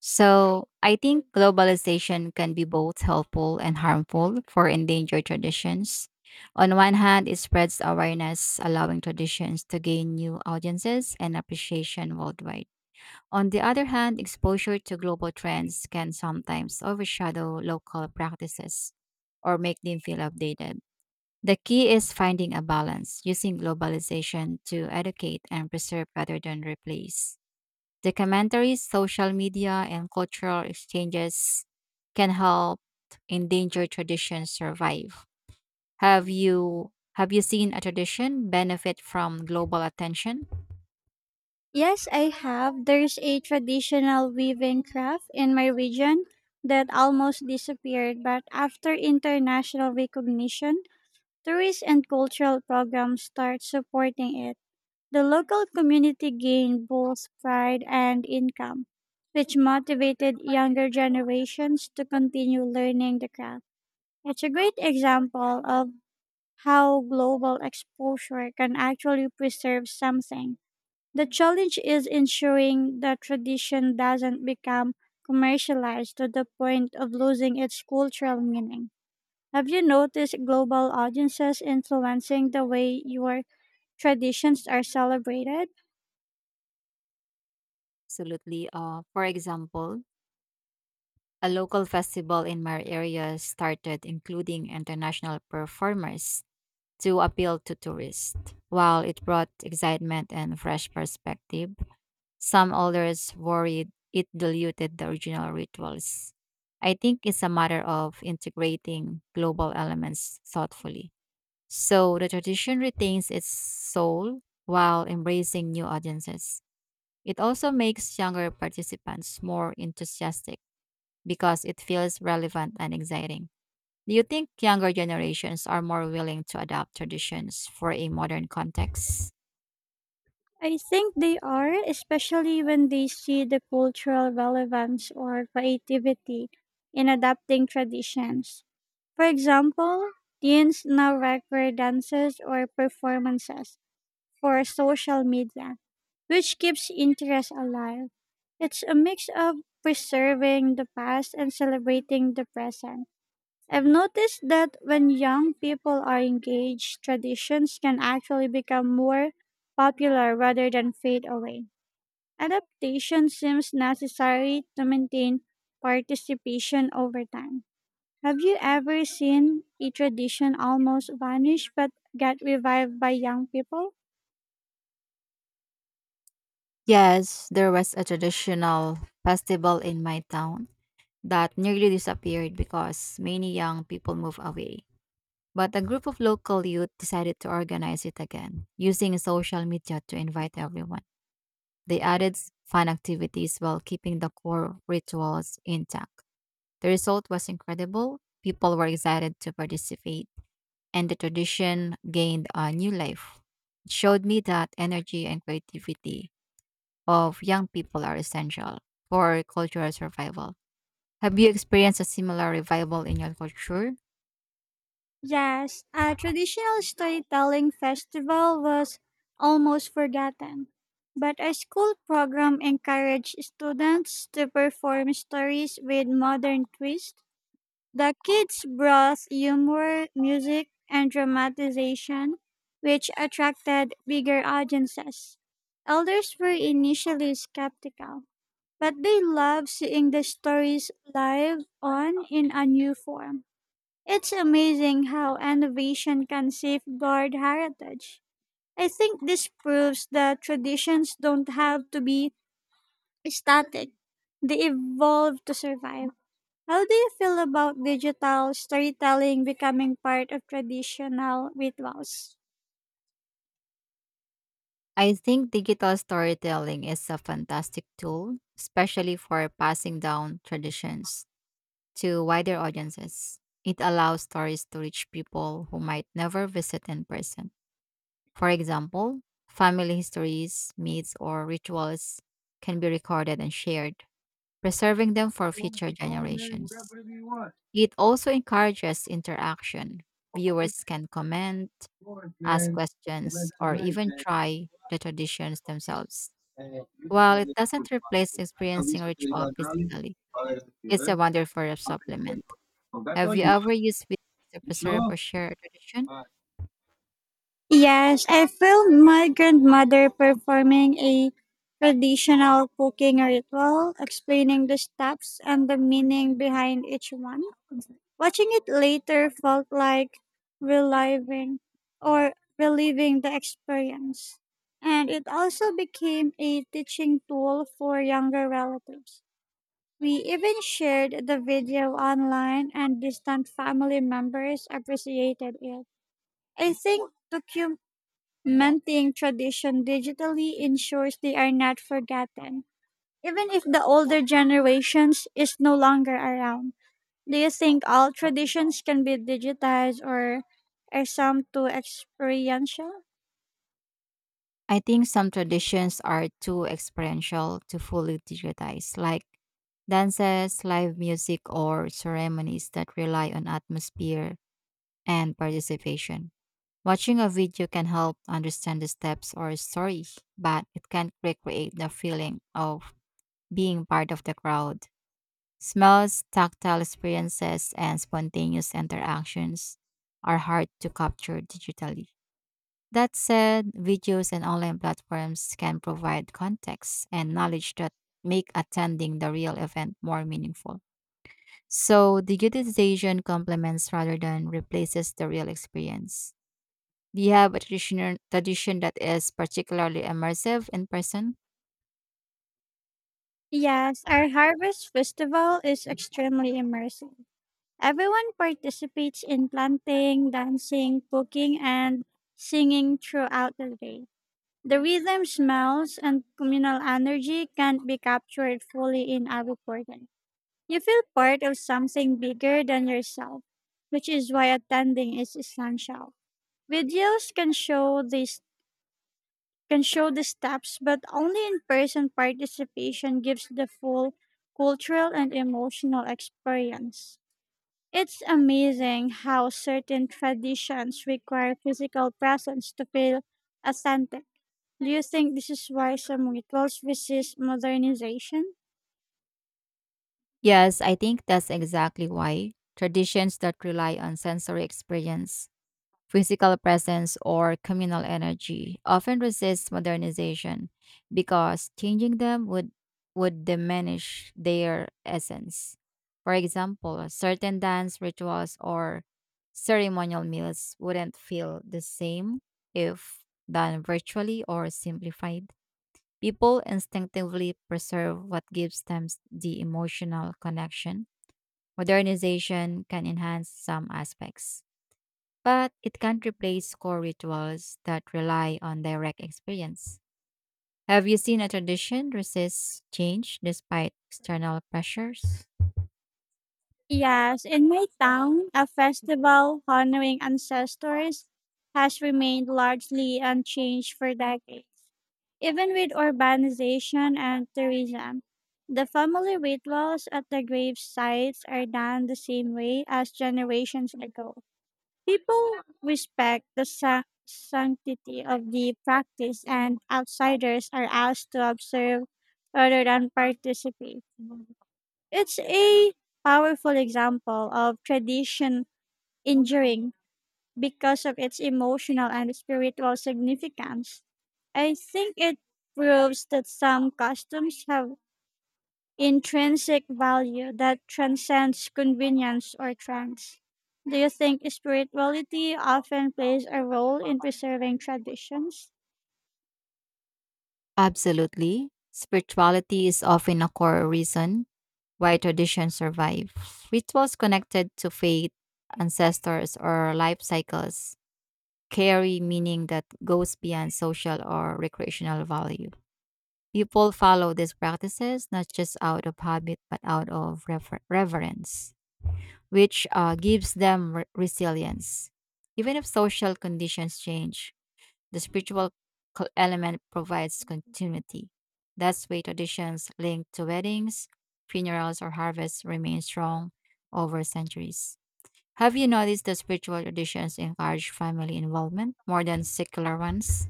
So I think globalization can be both helpful and harmful for endangered traditions. On one hand, it spreads awareness, allowing traditions to gain new audiences and appreciation worldwide. On the other hand, exposure to global trends can sometimes overshadow local practices or make them feel outdated. The key is finding a balance, using globalization to educate and preserve rather than replace. Documentaries, social media, and cultural exchanges can help endangered traditions survive. Have you seen a tradition benefit from global attention? Yes, I have. There's a traditional weaving craft in my region that almost disappeared, but after international recognition, tourist and cultural programs start supporting it. The local community gained both pride and income, which motivated younger generations to continue learning the craft. It's a great example of how global exposure can actually preserve something. The challenge is ensuring the tradition doesn't become commercialized to the point of losing its cultural meaning. Have you noticed global audiences influencing the way your traditions are celebrated? Absolutely. For example, a local festival in my area started including international performers to appeal to tourists. While it brought excitement and fresh perspective, some elders worried it diluted the original rituals. I think it's a matter of integrating global elements thoughtfully, so the tradition retains its soul while embracing new audiences. It also makes younger participants more enthusiastic because it feels relevant and exciting. Do you think younger generations are more willing to adapt traditions for a modern context? I think they are, especially when they see the cultural relevance or creativity in adapting traditions. For example, teens now record dances or performances for social media, which keeps interest alive. It's a mix of preserving the past and celebrating the present. I've noticed that when young people are engaged, traditions can actually become more popular rather than fade away. Adaptation seems necessary to maintain participation over time. Have you ever seen a tradition almost vanish but get revived by young people? Yes, there was a traditional festival in my town that nearly disappeared because many young people moved away. But a group of local youth decided to organize it again, using social media to invite everyone. They fun activities while keeping the core rituals intact. The result was incredible. People were excited to participate, and the tradition gained a new life. It showed me that energy and creativity of young people are essential for cultural survival. Have you experienced a similar revival in your culture? Yes, a traditional storytelling festival was almost forgotten, but our school program encouraged students to perform stories with modern twist. The kids brought humor, music, and dramatization, which attracted bigger audiences. Elders were initially skeptical, but they loved seeing the stories live on in a new form. It's amazing how innovation can safeguard heritage. I think this proves that traditions don't have to be static, they evolve to survive. How do you feel about digital storytelling becoming part of traditional rituals? I think digital storytelling is a fantastic tool, especially for passing down traditions to wider audiences. It allows stories to reach people who might never visit in person. For example, family histories, myths, or rituals can be recorded and shared, preserving them for future generations. It also encourages interaction. Viewers can comment, ask questions, or even try the traditions themselves. While it doesn't replace experiencing ritual physically, it's a wonderful supplement. Have you ever used videos to preserve or share a tradition? Yes, I filmed my grandmother performing a traditional cooking ritual, explaining the steps and the meaning behind each one. Watching it later felt like reliving reliving the experience. And it also became a teaching tool for younger relatives. We even shared the video online, and distant family members appreciated it. I think documenting Menting tradition digitally ensures they are not forgotten, even if the older generations is no longer around. Do you think all traditions can be digitized or are some too experiential? I think some traditions are too experiential to fully digitize, like dances, live music, or ceremonies that rely on atmosphere and participation. Watching a video can help understand the steps or story, but it can't recreate the feeling of being part of the crowd. Smells, tactile experiences, and spontaneous interactions are hard to capture digitally. That said, videos and online platforms can provide context and knowledge that make attending the real event more meaningful. So, digitization complements rather than replaces the real experience. Do you have a traditional tradition that is particularly immersive in person? Yes, our harvest festival is extremely immersive. Everyone participates in planting, dancing, cooking, and singing throughout the day. The rhythm, smells, and communal energy can't be captured fully in a recording. You feel part of something bigger than yourself, which is why attending is essential. Videos can show the steps, but only in-person participation gives the full cultural and emotional experience. It's amazing how certain traditions require physical presence to feel authentic. Do you think this is why some rituals resist modernization? Yes, I think that's exactly why. Traditions that rely on sensory experience, physical presence, or communal energy often resist modernization because changing them would diminish their essence. For example, certain dance rituals or ceremonial meals wouldn't feel the same if done virtually or simplified. People instinctively preserve what gives them the emotional connection. Modernization can enhance some aspects, but it can't replace core rituals that rely on direct experience. Have you seen a tradition resist change despite external pressures? Yes, in my town, a festival honoring ancestors has remained largely unchanged for decades, even with urbanization and tourism. The family rituals at the grave sites are done the same way as generations ago. People respect the sanctity of the practice, and outsiders are asked to observe rather than participate. It's a powerful example of tradition enduring because of its emotional and spiritual significance. I think it proves that some customs have intrinsic value that transcends convenience or trends. Do you think spirituality often plays a role in preserving traditions? Absolutely. Spirituality is often a core reason why traditions survive. Rituals connected to faith, ancestors, or life cycles carry meaning that goes beyond social or recreational value. People follow these practices not just out of habit but out of reverence, which gives them resilience. Even if social conditions change, the spiritual element provides continuity. That's why traditions linked to weddings, funerals, or harvests remain strong over centuries. Have you noticed that spiritual traditions encourage family involvement more than secular ones?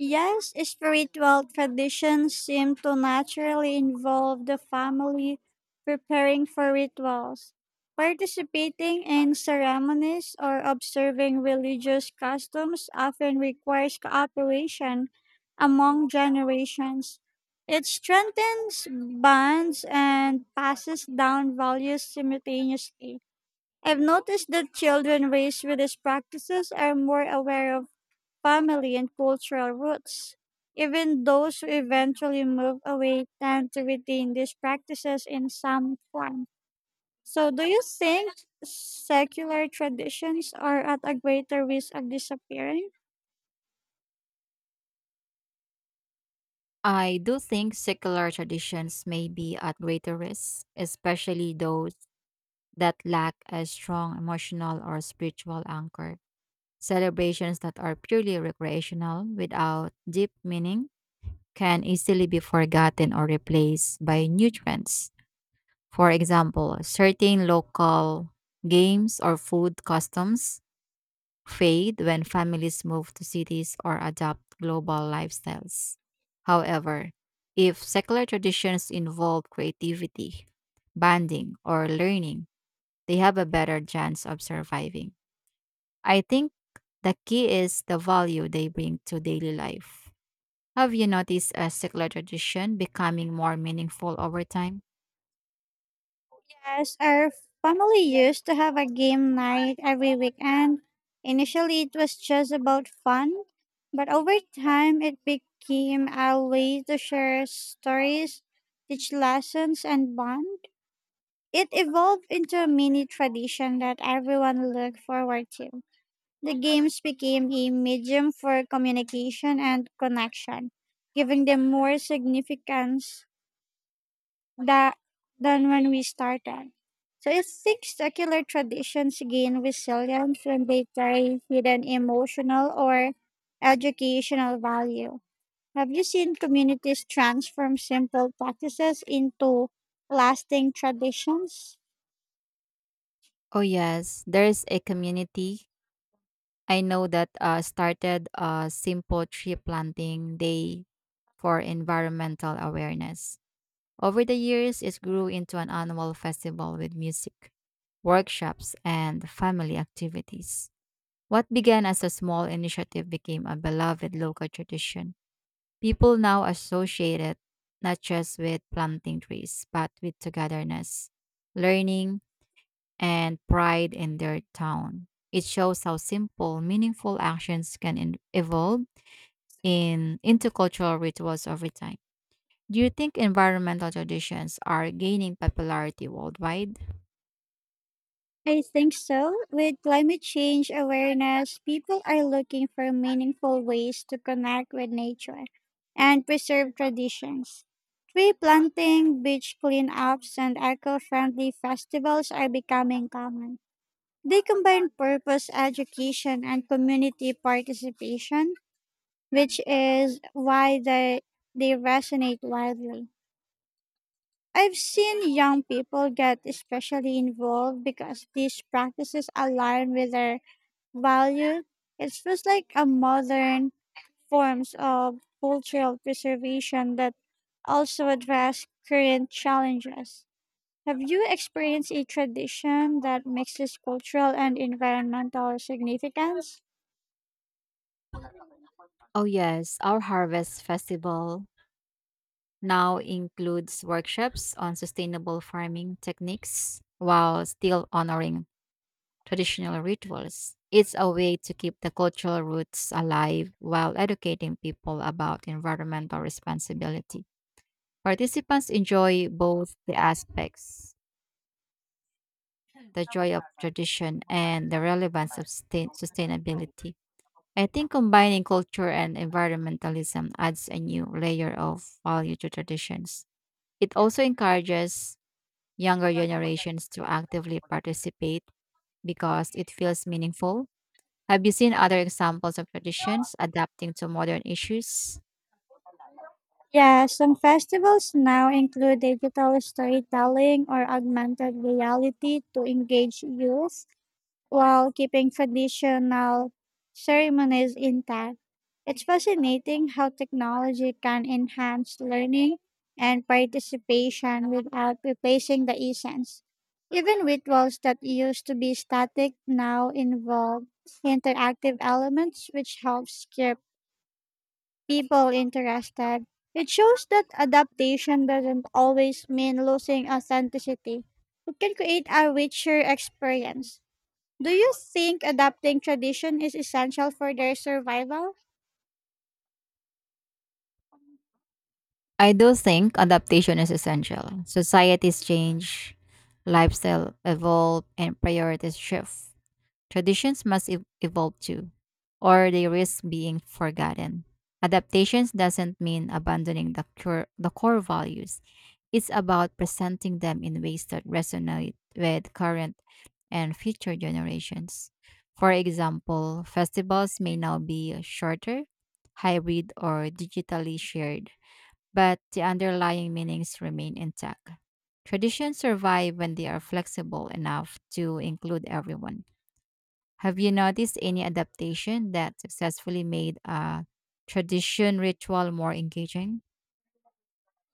Yes, spiritual traditions seem to naturally involve the family preparing for rituals, participating in ceremonies, or observing religious customs often requires cooperation among generations. It strengthens bonds and passes down values simultaneously. I've noticed that children raised with these practices are more aware of family, and cultural roots. Even those who eventually move away tend to retain these practices in some form. So, do you think secular traditions are at a greater risk of disappearing? I do think secular traditions may be at greater risk, especially those that lack a strong emotional or spiritual anchor. Celebrations that are purely recreational without deep meaning can easily be forgotten or replaced by new trends. For example, certain local games or food customs fade when families move to cities or adopt global lifestyles. However, if secular traditions involve creativity, bonding, or learning, they have a better chance of surviving. I think the key is the value they bring to daily life. Have you noticed a secular tradition becoming more meaningful over time? Yes, our family used to have a game night every weekend. Initially, it was just about fun, but over time, it became a way to share stories, teach lessons, and bond. It evolved into a mini tradition that everyone looked forward to. The games became a medium for communication and connection, giving them more significance that, than when we started. So it thinks secular traditions gain resilience when they carry hidden emotional or educational value. Have you seen communities transform simple practices into lasting traditions? Oh, yes, there's a community I know that started a simple tree planting day for environmental awareness. Over the years, it grew into an annual festival with music, workshops, and family activities. What began as a small initiative became a beloved local tradition. People now associate it not just with planting trees, but with togetherness, learning, and pride in their town. It shows how simple, meaningful actions can in- evolve in into cultural rituals over time. Do you think environmental traditions are gaining popularity worldwide? I think so. With climate change awareness, people are looking for meaningful ways to connect with nature and preserve traditions. Tree planting, beach cleanups, and eco friendly festivals are becoming common. They combine purpose education and community participation, which is why they resonate widely. I've seen young people get especially involved because these practices align with their value. It feels like a modern forms of cultural preservation that also address current challenges. Have you experienced a tradition that mixes cultural and environmental significance? Oh, yes. Our harvest festival now includes workshops on sustainable farming techniques while still honoring traditional rituals. It's a way to keep the cultural roots alive while educating people about environmental responsibility. Participants enjoy both the aspects, the joy of tradition, and the relevance of sustainability. I think combining culture and environmentalism adds a new layer of value to traditions. It also encourages younger generations to actively participate because it feels meaningful. Have you seen other examples of traditions adapting to modern issues? Yeah, some festivals now include digital storytelling or augmented reality to engage youth while keeping traditional ceremonies intact. It's fascinating how technology can enhance learning and participation without replacing the essence. Even rituals that used to be static now involve interactive elements, which helps keep people interested. It shows that adaptation doesn't always mean losing authenticity. It can create a richer experience. Do you think adapting tradition is essential for their survival? I do think adaptation is essential. Societies change, lifestyle evolve, and priorities shift. Traditions must evolve too, or they risk being forgotten. Adaptations doesn't mean abandoning the core values. It's about presenting them in ways that resonate with current and future generations. For example, festivals may now be shorter, hybrid, or digitally shared, but the underlying meanings remain intact. Traditions survive when they are flexible enough to include everyone. Have you noticed any adaptation that successfully made a tradition ritual more engaging?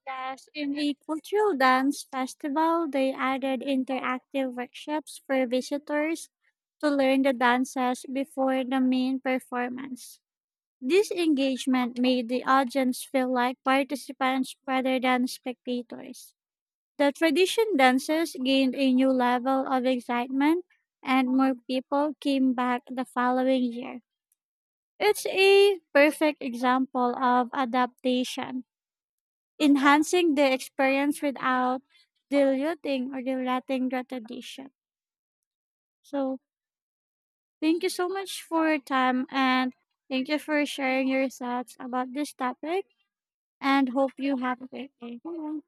Yes, in a cultural dance festival, they added interactive workshops for visitors to learn the dances before the main performance. This engagement made the audience feel like participants rather than spectators. The tradition dances gained a new level of excitement, and more people came back the following year. It's a perfect example of adaptation, enhancing the experience without diluting the tradition. So, thank you so much for your time and thank you for sharing your thoughts about this topic and hope you have a great day. Bye.